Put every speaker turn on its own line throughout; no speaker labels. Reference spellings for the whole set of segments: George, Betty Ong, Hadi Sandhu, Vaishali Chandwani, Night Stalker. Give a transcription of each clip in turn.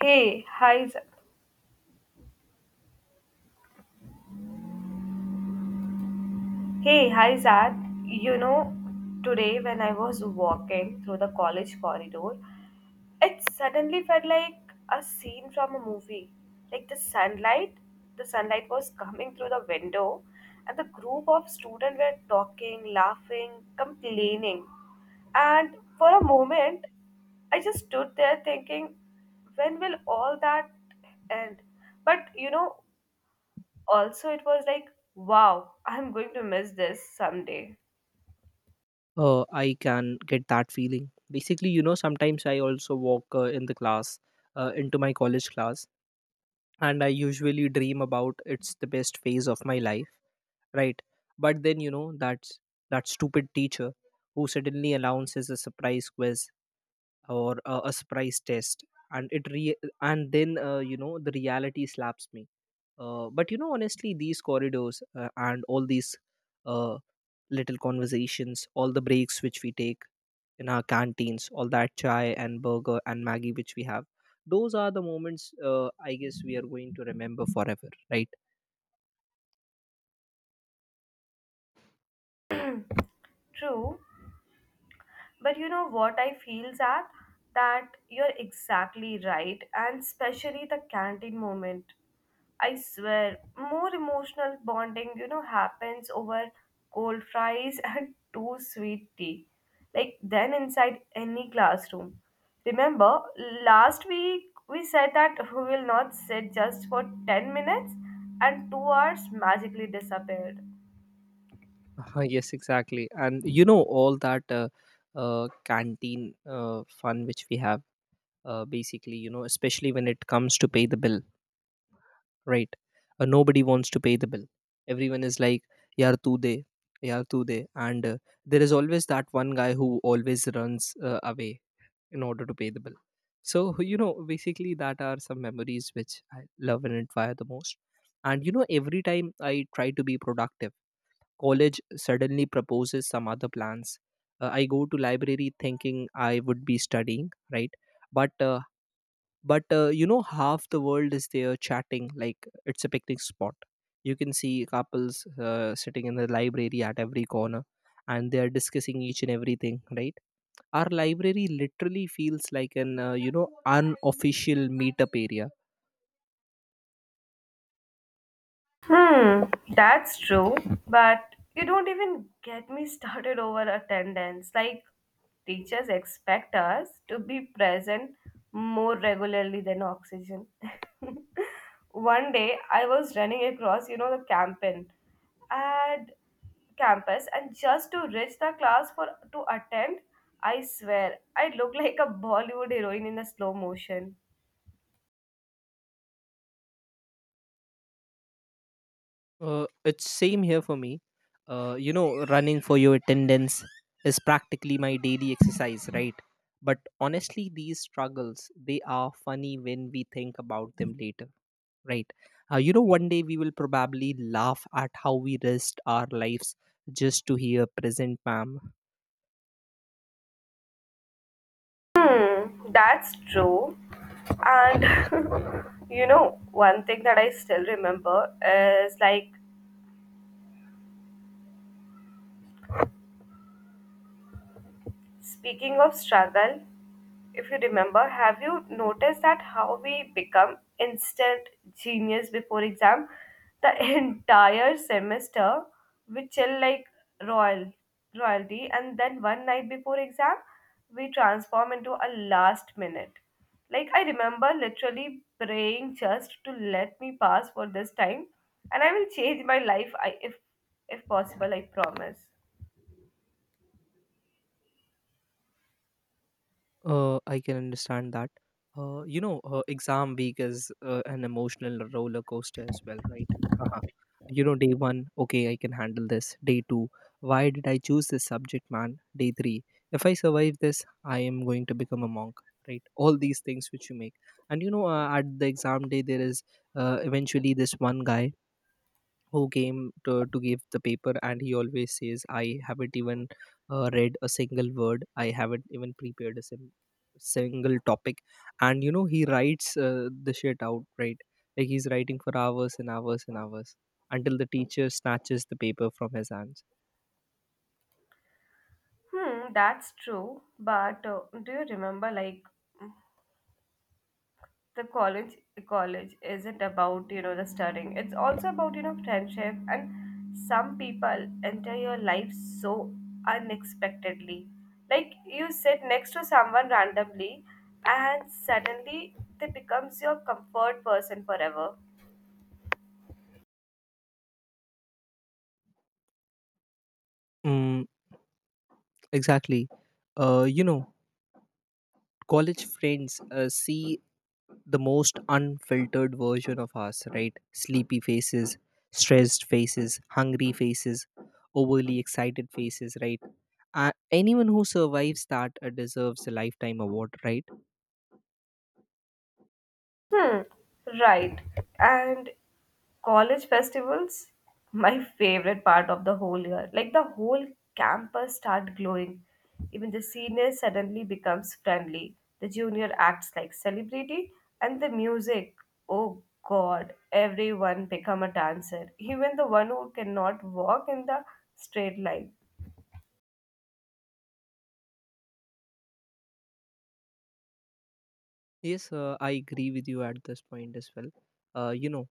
Hey, hi, Z- hey, hi, Zad. You know, today when I was walking through the college corridor, it suddenly felt like a scene from a movie. Like the sunlight was coming through the window, and the group of students were talking, laughing, complaining. And for a moment, I just stood there thinking, when will all that end? But you know, also it was like, wow, I'm going to miss this someday.
I can get that feeling. Basically, sometimes I also walk in the class, into my college class, and I usually dream about it's the best phase of my life, right? But then, that's that stupid teacher who suddenly announces a surprise quiz or a surprise test, and then, you know the reality slaps me. But you know, honestly, these corridors and all these. Uh, Little conversations, all the breaks which we take in our canteens, all that chai and burger and Maggie which we have. Those are the moments I guess we are going to remember forever, right?
True. But you know what, I feel that you're exactly right, and especially the canteen moment, I swear, more emotional bonding, you know, happens over cold fries and too sweet tea. Like then inside any classroom. Remember, last week we said that we will not sit just for 10 minutes and 2 hours magically disappeared.
Yes, exactly. And you know, all that canteen fun which we have, basically, you know, especially when it comes to pay the bill, right? Nobody wants to pay the bill. Everyone is like, yaar tu de, yaar tu de. And there is always that one guy who always runs away in order to pay the bill. So, you know, basically, that are some memories which I love and admire the most. And, you know, every time I try to be productive, college suddenly proposes some other plans. I go to library thinking I would be studying, right? But uh, but you know, half the world is there chatting like it's a picnic spot. You can see couples sitting in the library at every corner, and they are discussing each and everything, right? Our library literally feels like an unofficial meetup area.
Hmm, that's true. But you don't even get me started over attendance. Like, teachers expect us to be present more regularly than oxygen. One day, I was running across, you know, the campaign and campus, and just to reach the class for to attend, I swear, I looked like a Bollywood heroine in a slow motion.
It's same here for me. You know, running for your attendance is practically my daily exercise, right? But honestly, these struggles, they are funny when we think about them later, right? You know, one day we will probably laugh at how we risked our lives just to hear present ma'am.
Hmm, that's true. And you know, one thing that I still remember is like, speaking of struggle, if you remember, have you noticed that how we become instant genius before exam? The entire semester we chill like royal royalty, and then one night before exam we transform into a last minute. Like I remember literally praying, just to let me pass for this time, and I will change my life I, if possible. I promise.
I can understand that. You know, exam week is an emotional roller coaster as well, right? You know, day one, okay, I can handle this. Day two, why did I choose this subject, man? Day three, if I survive this, I am going to become a monk, right? All these things which you make. And you know, at the exam day there is eventually this one guy who came to give the paper, and he always says, I haven't even read a single word, I haven't even prepared a single topic. And you know, he writes the shit out, right? Like he's writing for hours and hours and hours, until the teacher snatches the paper from his hands.
Hmm, that's true. But do you remember, like, the college isn't about, you know, the studying. It's also about, you know, friendship. And some people enter your life so unexpectedly. Like you sit next to someone randomly, and suddenly they becomes your comfort person forever.
mm, exactly. You know, college friends see the most unfiltered version of us, right? Sleepy faces, stressed faces, hungry faces, overly excited faces, right? Anyone who survives that deserves a lifetime award, right?
Hmm, right. And college festivals, my favorite part of the whole year. Like the whole campus start glowing. Even the senior suddenly becomes friendly. The junior acts like celebrity and the music. Oh god, everyone become a dancer. Even the one who cannot walk in the straight line.
Yes, I agree with you at this point as well. You know,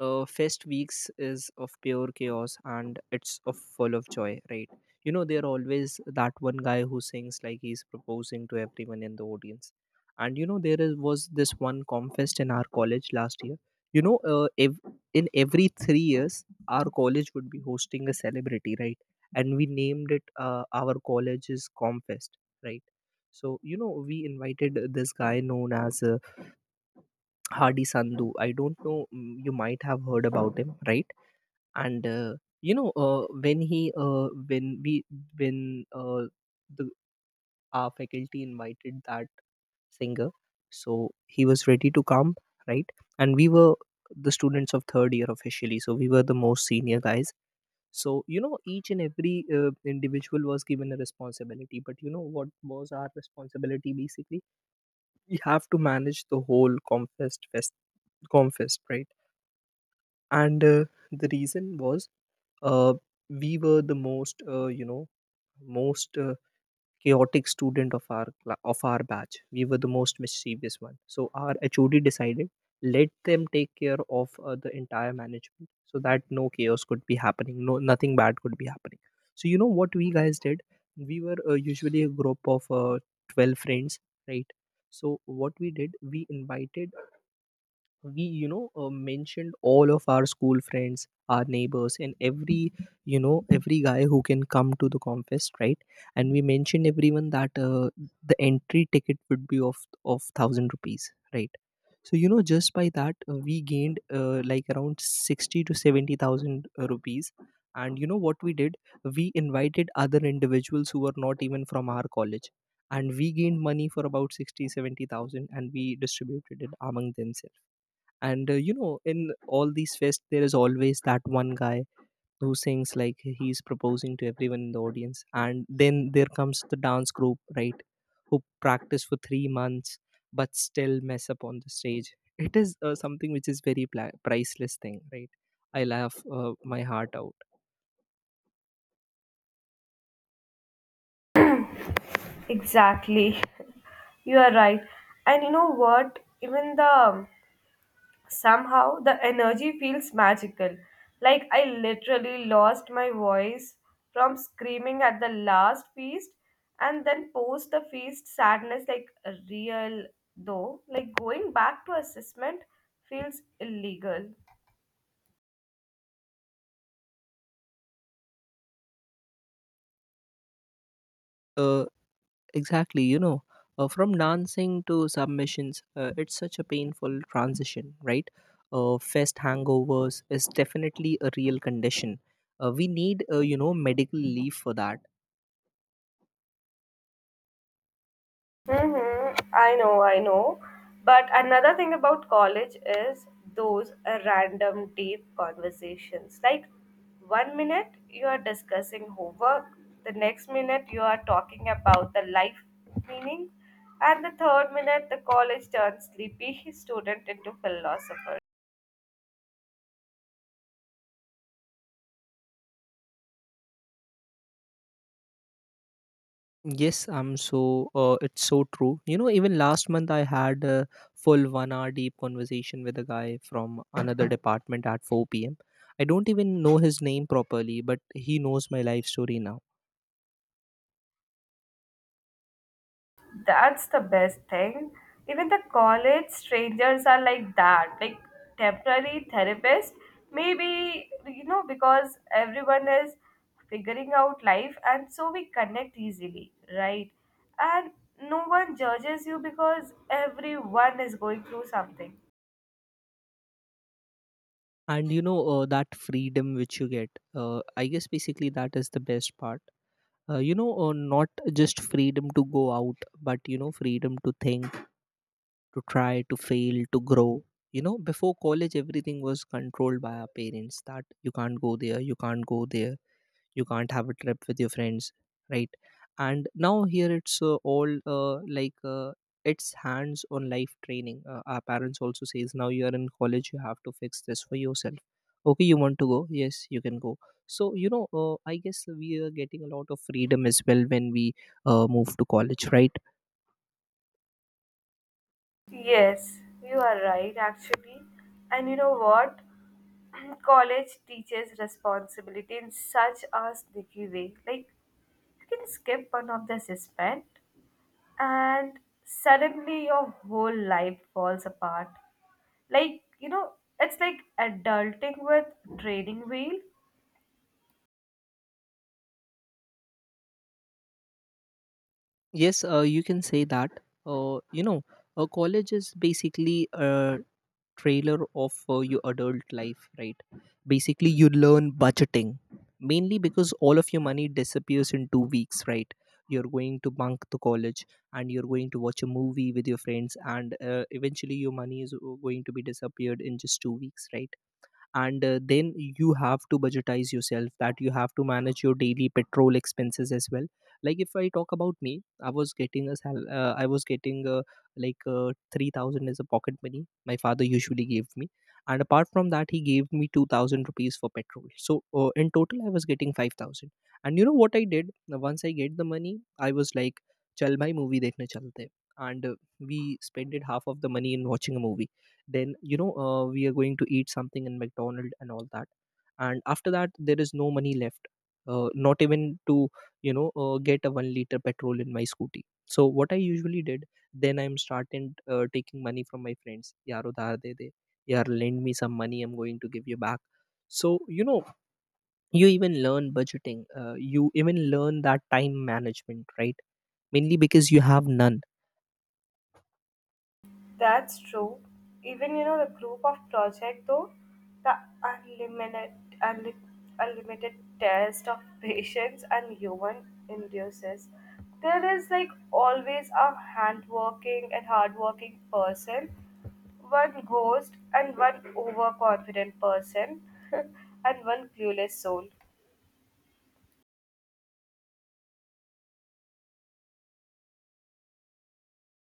fest weeks is of pure chaos and it's of full of joy, right? You know, there always that one guy who sings like he's proposing to everyone in the audience. And you know, there is, was this one confest in our college last year. You know, in every 3 years our college would be hosting a celebrity, right? And we named it our college's confest, right? So you know, we invited this guy known as Hadi Sandhu. I don't know. You might have heard about him, right? And when he, when we, when the our faculty invited that singer, so he was ready to come, right? And we were the students of third year officially, so we were the most senior guys. So you know, each and every individual was given a responsibility. But you know what was our responsibility? Basically, we have to manage the whole confest, right? And the reason was, uh, we were the most you know most chaotic student of of our batch. We were the most mischievous one, so our HOD decided, let them take care of the entire management so that no chaos could be happening, no nothing bad could be happening. So you know what we guys did? We were usually a group of 12 friends, right? So what we did, we invited, we mentioned all of our school friends, our neighbors, and every, you know, every guy who can come to the confest, right? And we mentioned everyone that the entry ticket would be of 1,000 rupees, right? So you know, just by that, we gained, like, around 60 to 70,000 rupees. And you know what we did? We invited other individuals who were not even from our college, and we gained money for about 60 70000, and we distributed it among them. And you know, in all these fests there is always that one guy who sings like he's proposing to everyone in the audience. And then there comes the dance group, right, who practice for 3 months but still mess up on the stage. It is something which is very priceless thing, right? I laugh my heart out.
Exactly. You are right. And you know what? Even the Somehow the energy feels magical, like I literally lost my voice from screaming at the last feast, and then post the feast sadness like real, though, like going back to assessment feels illegal.
uh, Exactly, you know, from dancing to submissions, it's such a painful transition, right? Fest hangovers is definitely a real condition. We need, you know, medical leave for that.
Mhm. I know, I know. But another thing about college is those random deep conversations. Like one minute you are discussing homework, the next minute you are talking about the life meaning, and the third minute the college turns sleepy student into philosopher.
Yes, it's so true. You know, even last month I had a full 1 hour deep conversation with a guy from another department at 4 p.m. I don't even know his name properly, but he knows my life story now.
That's the best thing. Even the college strangers are like that, like temporary therapists. Maybe, you know, because everyone is figuring out life and so we connect easily, right? And no one judges you because everyone is going through something.
And you know, that freedom which you get, I guess basically that is the best part. You know, not just freedom to go out but, you know, freedom to think, to try, to fail, to grow. You know, before college everything was controlled by our parents, that you can't go there, you can't go there, you can't have a trip with your friends, right? And now here it's all like, it's hands on life training. Our parents also says, now you are in college, you have to fix this for yourself. Okay, you want to go? Yes, you can go. So you know, I guess we are getting a lot of freedom as well when we move to college, right?
Yes, you are right, actually. And you know what? College teaches responsibility in such a sneaky way. Like, you can skip one of the suspend, and suddenly your whole life falls apart. Like, you know, it's like adulting with training wheel.
Yes, you can say that. You know, college is basically trailer of your adult life, right? Basically you learn budgeting, mainly because all of your money disappears in 2 weeks, right? You're going to bunk to college and you're going to watch a movie with your friends, and eventually your money is going to be disappeared in just 2 weeks, right? And then you have to budgetize yourself, that you have to manage your daily petrol expenses as well. Like, if I talk about me, I was getting I was getting 3,000 as a pocket money, my father usually gave me. And apart from that he gave me 2,000 rupees for petrol, so in total I was getting 5,000. And you know what I did? Now, once I get the money, I was like, chal bhai movie dekhne chalte. And we spent half of the money in watching a movie. Then you know, we are going to eat something in McDonald and all that. And after that, there is no money left, not even to, you know, get a 1 liter petrol in my scooty. So what I usually did, then I'm starting taking money from my friends, yaar udhar de de, yaar lend me some money, I'm going to give you back. So you know, you even learn budgeting, you even learn that time management, right? Mainly because you have none.
That's true. Even, you know, the group of project though, the unlimited unli- unlimited test of patience and human induces. There is like always a handworking and hardworking person, one ghost and one overconfident person, and one clueless soul.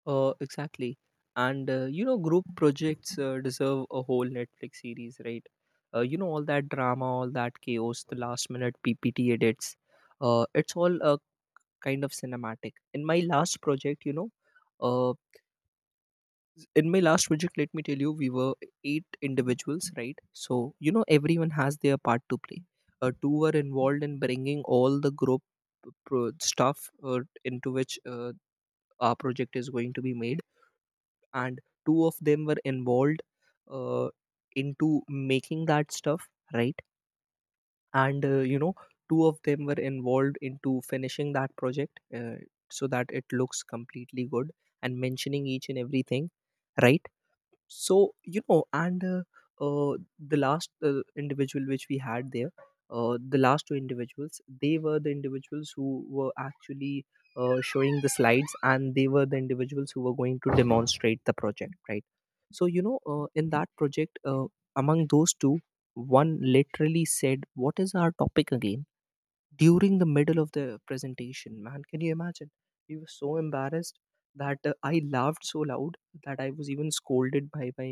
Exactly. And you know, group projects deserve a whole Netflix series, right? You know, all that drama, all that chaos, the last minute PPT edits. It's all a kind of cinematic. In my last project, you know, uh, in my last project, let me tell you, we were eight individuals, right? So, you know, everyone has their part to play. Two were involved in bringing all the group stuff, into which our project is going to be made. And two of them were involved uh, into making that stuff, right. And two of them were involved into finishing that project, so that it looks completely good and mentioning each and everything, right. So you know and uh, uh, the last individual which we had there, the last two individuals, they were the individuals who were actually showing the slides, and they were the individuals who were going to demonstrate the project, right. In that project, among those two, one literally said, "What is our topic again?" during the middle of the presentation. Man, can you imagine? He was so embarrassed that I laughed so loud that I was even scolded by my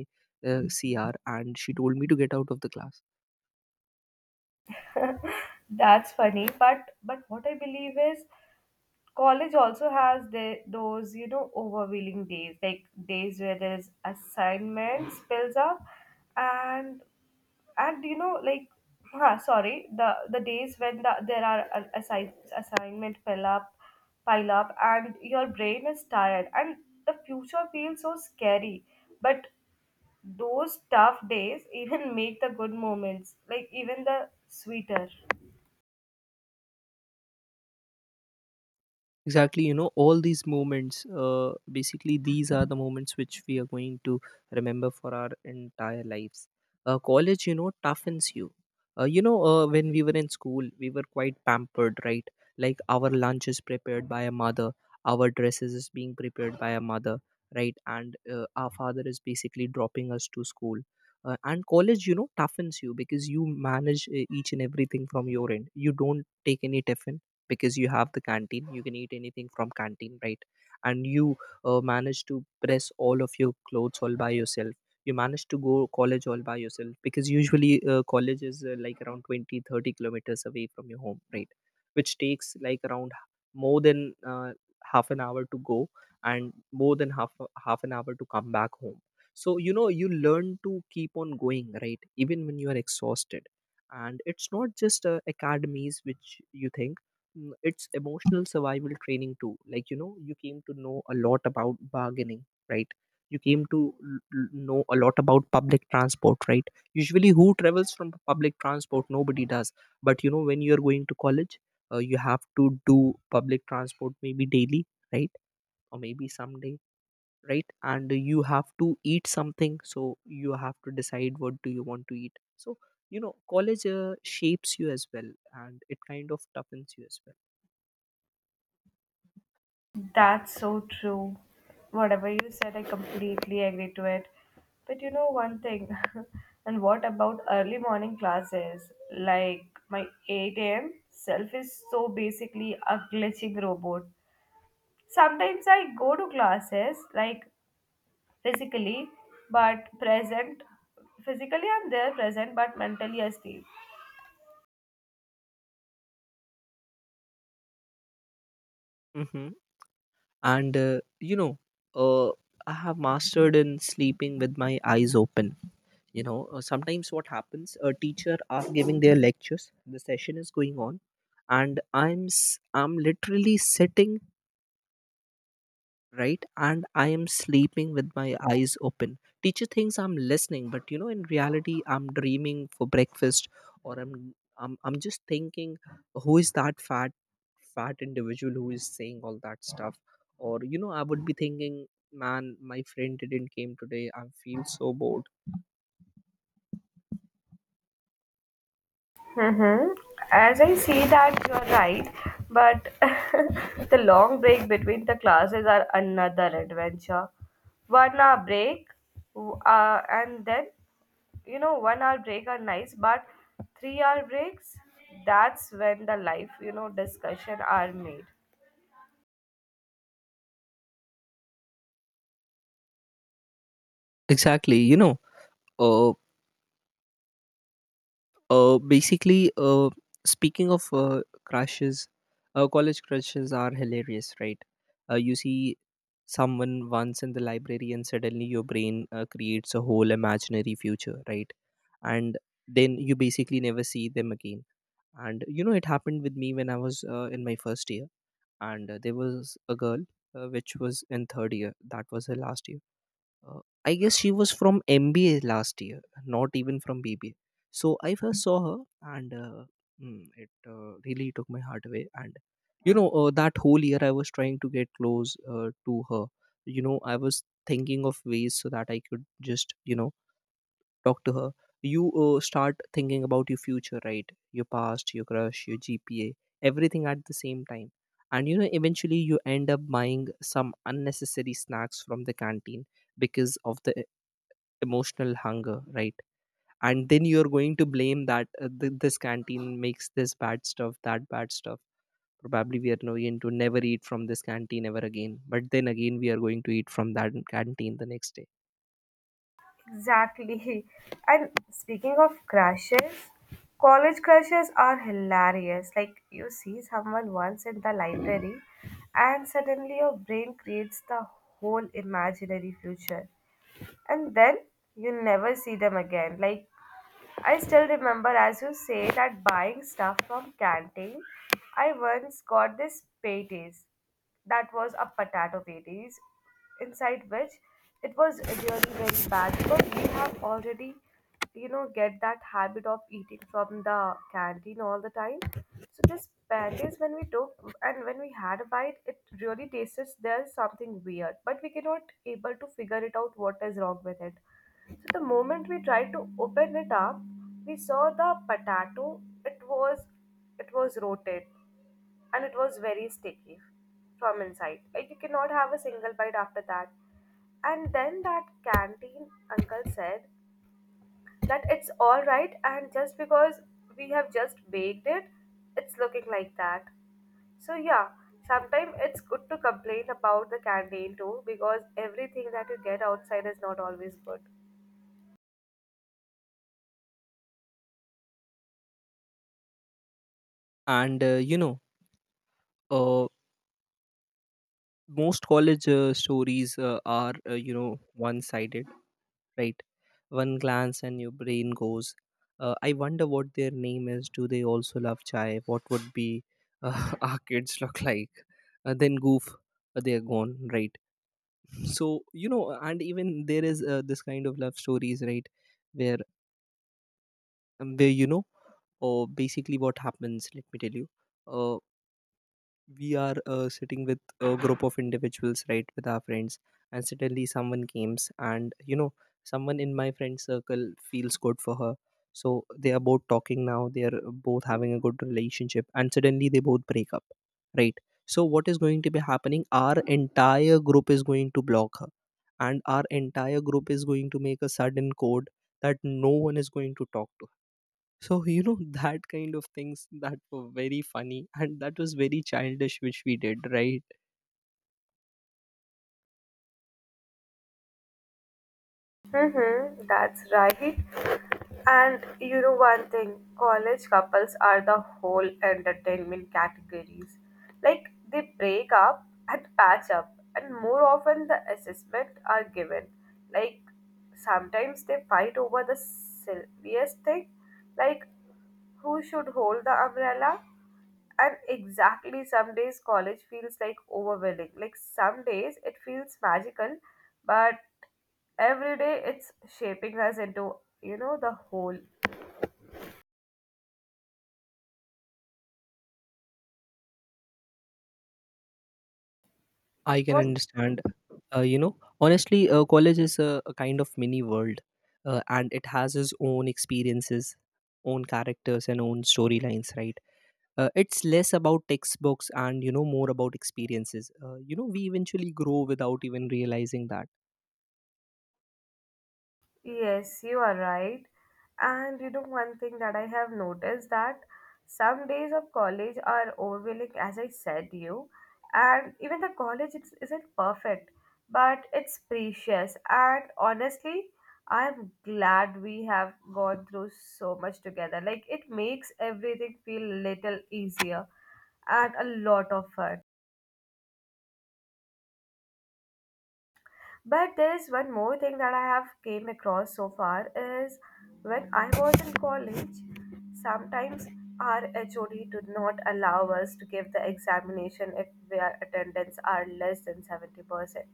CR, and she told me to get out of the class.
That's funny, but what I believe is college also has the, those, you know, overwhelming days, like days where there's assignments builds up and and you know like, huh, sorry, the days when the, there are a- assign, assignment fill up, pile up, and your brain is tired and the future feels so scary, but those tough days even make the good moments like even the sweeter.
Exactly, you know, all these moments, basically, these are the moments which we are going to remember for our entire lives. College, you know, toughens you. When we were in school, we were quite pampered, right? Like our lunch is prepared by a mother, our dresses is being prepared by a mother, right? And our father is basically dropping us to school. And college, you know, toughens you because you manage each and everything from your end. You don't take any tiffin because you have the canteen, you can eat anything from canteen, right. And you manage to press all of your clothes all by yourself, you manage to go college all by yourself because usually college is like around 20, 30 kilometers away from your home, right, which takes like around more than half an hour to go, and more than half an hour to come back home. So you know, you learn to keep on going, right, even when you are exhausted. And it's not just academies which you think. Mm, it's emotional survival training too. Like, you know, you came to know a lot about bargaining, right. You came to know a lot about public transport, right. Usually, who travels from public transport? Nobody does. But you know, when you're going to college, you have to do public transport maybe daily, right, or maybe someday, right. And you have to eat something, so you have to decide what do you want to eat. So you know, college shapes you as well, and it kind of toughens you as well.
That's so true. Whatever you said, I completely agree to it. But you know one thing, and what about early morning classes? Like my 8 a.m. self is so basically a glitching robot. Sometimes I go to classes like physically, but present. Physically, I'm there present, but mentally asleep.
Mm-hmm. And uh, I have mastered in sleeping with my eyes open. You know, sometimes what happens, a teacher are giving their lectures, the session is going on, and I'm literally sitting, right, and I am sleeping with my eyes open. Teacher thinks I'm listening, but you know, in reality, I'm dreaming for breakfast. Or I'm just thinking, who is that fat individual who is saying all that stuff. Or you know, I would be thinking, man, my friend didn't came today, I feel so bored.
Mm-hmm. As I see that you're right, but the long break between the classes are another adventure. One hour break, w- and then you know one hour break are nice, but three-hour breaks, that's when the life, you know, discussion are made.
Exactly, you know. uh, Basically, speaking of crushes, college crushes are hilarious, right? You see someone once in the library, and suddenly your brain creates a whole imaginary future, right? And then you basically never see them again. And you know, it happened with me when I was in my first year, and there was a girl which was in third year. That was her last year. Uh, I guess she was from MBA last year, not even from BBA. So I first saw her, and it really took my heart away. And you know, that whole year I was trying to get close to her. You know, I was thinking of ways so that I could just, you know, talk to her. You start thinking about your future, right? Your past, your crush, your GPA, everything at the same time. And you know, eventually you end up buying some unnecessary snacks from the canteen because of the emotional hunger, right. And then you're going to blame that, this canteen makes this bad stuff, that bad stuff. Probably we are no, going to never eat from this canteen ever again, but then again we are going to eat from that canteen the next day.
Exactly. And speaking of crashes, college crashes are hilarious. Like you see someone once in the library and suddenly your brain creates the whole imaginary future. And then you never see them again. Like I still remember, as you say, that buying stuff from canteen. I once got this patties. That was a potato patties, inside which it was really very bad because we have already, you know, get that habit of eating from the canteen all the time. So this patties, when we took and when we had a bite, it really tasted there's something weird, but we cannot able to figure it out what is wrong with it. So the moment we tried to open it up, we saw the potato. It was rotten and it was very sticky from inside. Like you cannot have a single bite after that. And then that canteen uncle said that it's all right and just because we have just baked it, it's looking like that. So yeah, sometimes it's good to complain about the canteen too because everything that you get outside is not always good.
And uh, you know uh, most college stories are, you know, one sided, right? One glance and your brain goes, I wonder what their name is. Do they also love chai? What would be our kids look like? Then goof, they are gone, right? So you know, and even there is this kind of love stories, right, where where you know, or basically what happens, let me tell you. Uh, we are sitting with a group of individuals, right, with our friends, and suddenly someone comes and you know, someone in my friend circle feels good for her, so they are both talking. Now they are both having a good relationship, and suddenly they both break up, right. So what is going to be happening, our entire group is going to block her, and our entire group is going to make a sudden code that no one is going to talk to. So, you know, that kind of things that were very funny and that was very childish, which we did, right?
Mm-hmm, that's right. And you know one thing, college couples are the whole entertainment categories. Like they break up and patch up, and more often the assessment are given. Like sometimes they fight over the silliest thing, like who should hold the umbrella. And exactly, some days college feels like overwhelming. Like some days it feels magical, but every day it's shaping us into, you know, the whole.
I can
What?
understand. You know, honestly, college is a kind of mini world, and it has its own experiences, own characters, and own storylines, right? It's less about textbooks and, you know, more about experiences. You know, we eventually grow without even realizing that.
Yes, you are right. And you know, one thing that I have noticed, that some days of college are overwhelming, as I said to you, and even the college isn't perfect, but it's precious. And honestly, I'm glad we have gone through so much together. Like, it makes everything feel little easier and a lot of fun. But there's one more thing that I have came across so far is, when I was in college, sometimes our HOD did not allow us to give the examination if our attendance are less than 70%.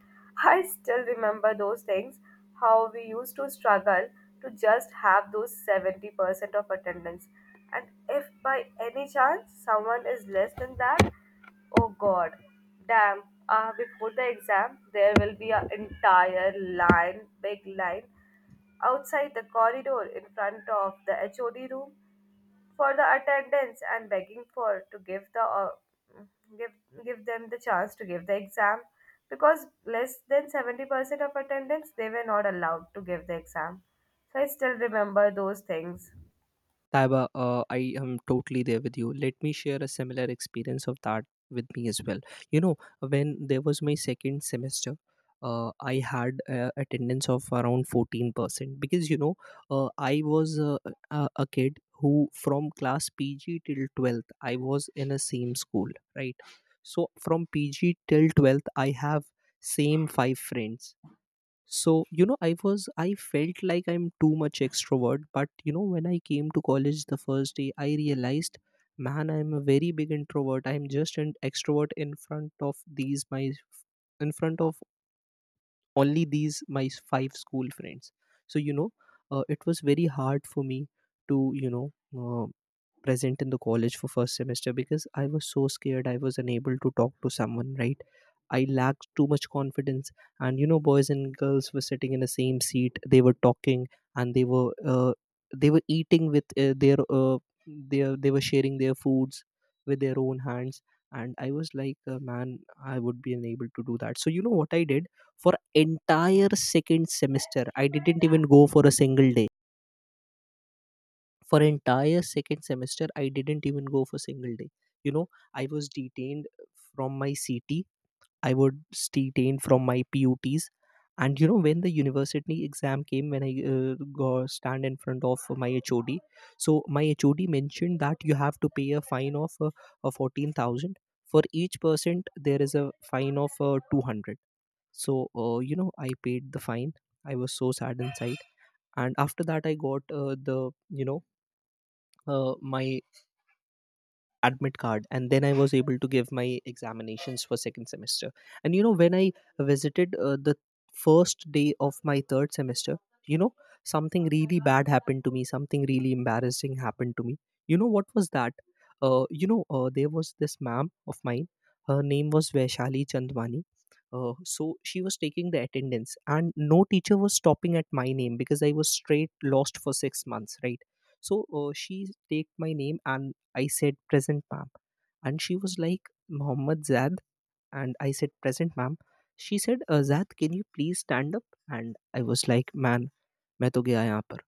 I still remember those things, how we used to struggle to just have those 70% of attendance. And if by any chance someone is less than that, oh god, damn. Before the exam, there will be an entire line, big line, outside the corridor in front of the HOD room for the attendance and begging for to give the give give them the chance to give the exam, because less than 70% of attendance they were not allowed to give the exam. So I still remember those things.
Taiba, I am totally there with you. Let me share a similar experience of that with me as well. You know, when there was my second semester, I had attendance of around 14% because, you know, uh, I was uh, a kid who from class PG till 12th, I was in a same school, right? So from PG till 12th, I have same five friends. So, you know, I felt like I'm too much extrovert. But, you know, when I came to college the first day, I realized, man, I'm a very big introvert. I'm just an extrovert in front of in front of only these my five school friends. So you know, it was very hard for me to, you know, uh, present in the college for first semester because I was so scared, I was unable to talk to someone, right. I lacked too much confidence. And you know, boys and girls were sitting in the same seat, they were talking, and they were eating with their they were sharing their foods with their own hands. And I was like, man, I would be unable to do that. So you know what I did? For entire second semester, I didn't even go for a single day. For entire second semester, I didn't even go for single day. You know, I was detained from my CT, I was detained from my puts. And you know, when the university exam came, when I go, stand in front of my HOD, so my HOD mentioned that you have to pay a fine of 14,000. For each percent there is a fine of 200. So, you know, I paid the fine. I was so sad inside. And after that, I got my admit card, and then I was able to give my examinations for second semester. And you know, when I visited the first day of my third semester, you know, something really bad happened to me, something really embarrassing happened to me. You know what was that? There was this ma'am of mine, her name was Vaishali Chandwani. So she was taking the attendance and no teacher was stopping at my name because I was straight lost for 6 months, right. So she take my name, and I said, "Present, ma'am." And she was like, "Mohammed Zad." And I said, "Present, ma'am." She said, "Zad, can you please stand up?" And I was like, "Man, मैं तो गया यहाँ पर."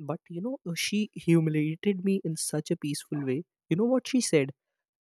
But you know, she humiliated me in such a peaceful way. You know what she said?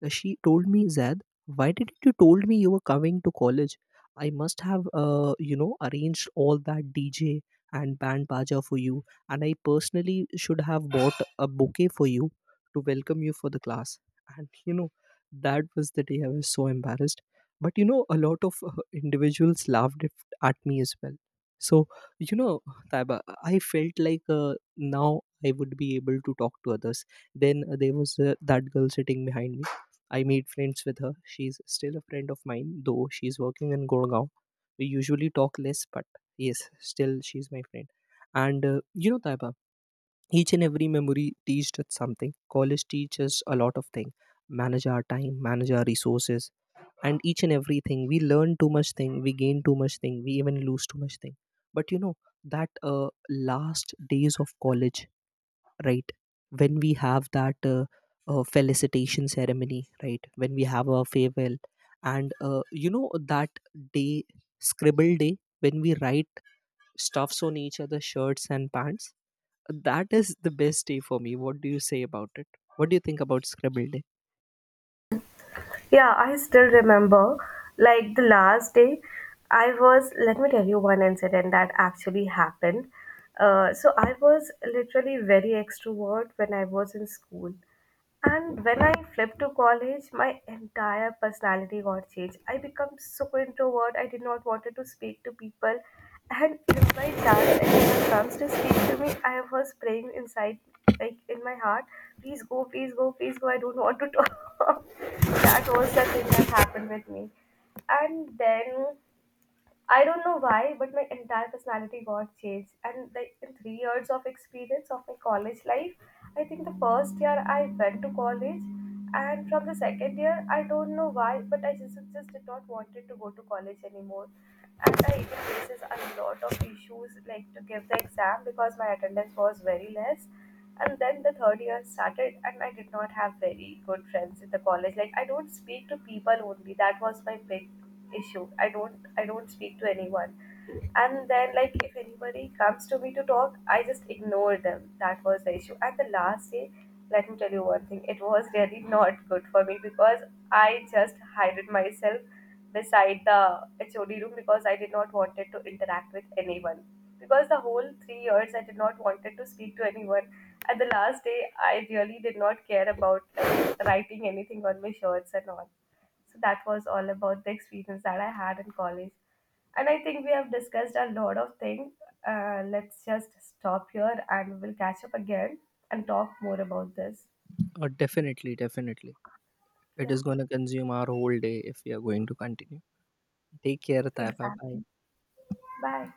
She told me, "Zad, why didn't you told me you were coming to college? I must have, you know, arranged all that DJ and band baja for you, and I personally should have bought a bouquet for you to welcome you for the class." And you know, that was the day I was so embarrassed. But you know, a lot of individuals laughed at me as well. So you know, Taiba, I felt like now I would be able to talk to others. Then there was that girl sitting behind me. I made friends with her. She's still a friend of mine, though she's working in Gurgaon. We usually talk less, but yes, still she's my friend. And you know, Taiba, each and every memory teaches us something. College teaches a lot of things. Manage our time, manage our resources, and each and everything. We learn too much thing, we gain too much thing, we even lose too much thing. But you know, that last days of college, right, when we have that felicitation ceremony, right, when we have our farewell, and you know, that day, scribble day, when we write stuffs on each other's shirts and pants, that is the best day for me. What do you say about it? What do you think about scribble day?
Yeah, I still remember, like the last day, I was, let me tell you one incident that actually happened. So I was literally very extrovert when I was in school. And when I flipped to college, my entire personality got changed. I became so introvert. I did not wanted to speak to people. And if my chance anyone comes to speak to me, I was praying inside, like in my heart, please go, please go, please go. I don't want to talk. That was the thing that happened with me. And then I don't know why, but my entire personality got changed. And like in 3 years of experience of my college life, I think the first year I went to college, and from the second year, I don't know why, but I just did not wanted to go to college anymore. And I even faces a lot of issues like to give the exam because my attendance was very less. And then the third year started, and I did not have very good friends in the college. Like I don't speak to people only. That was my big issue. I don't speak to anyone. And then like if anybody comes to me to talk I just ignore them. That was the issue. And the last day, let me tell you one thing, it was really not good for me because I just hided myself beside the HOD room because I did not wanted to interact with anyone. Because the whole 3 years I did not wanted to speak to anyone. At the last day, I really did not care about, like, writing anything on my shirts and all. So that was all about the experience that I had in college. And I think we have discussed a lot of things. Let's just stop here and we'll catch up again and talk more about this.
Definitely, definitely. It
Yeah,
is going to consume our whole day if we are going to continue. Take care, Taiba. Bye.
exactly. Bye.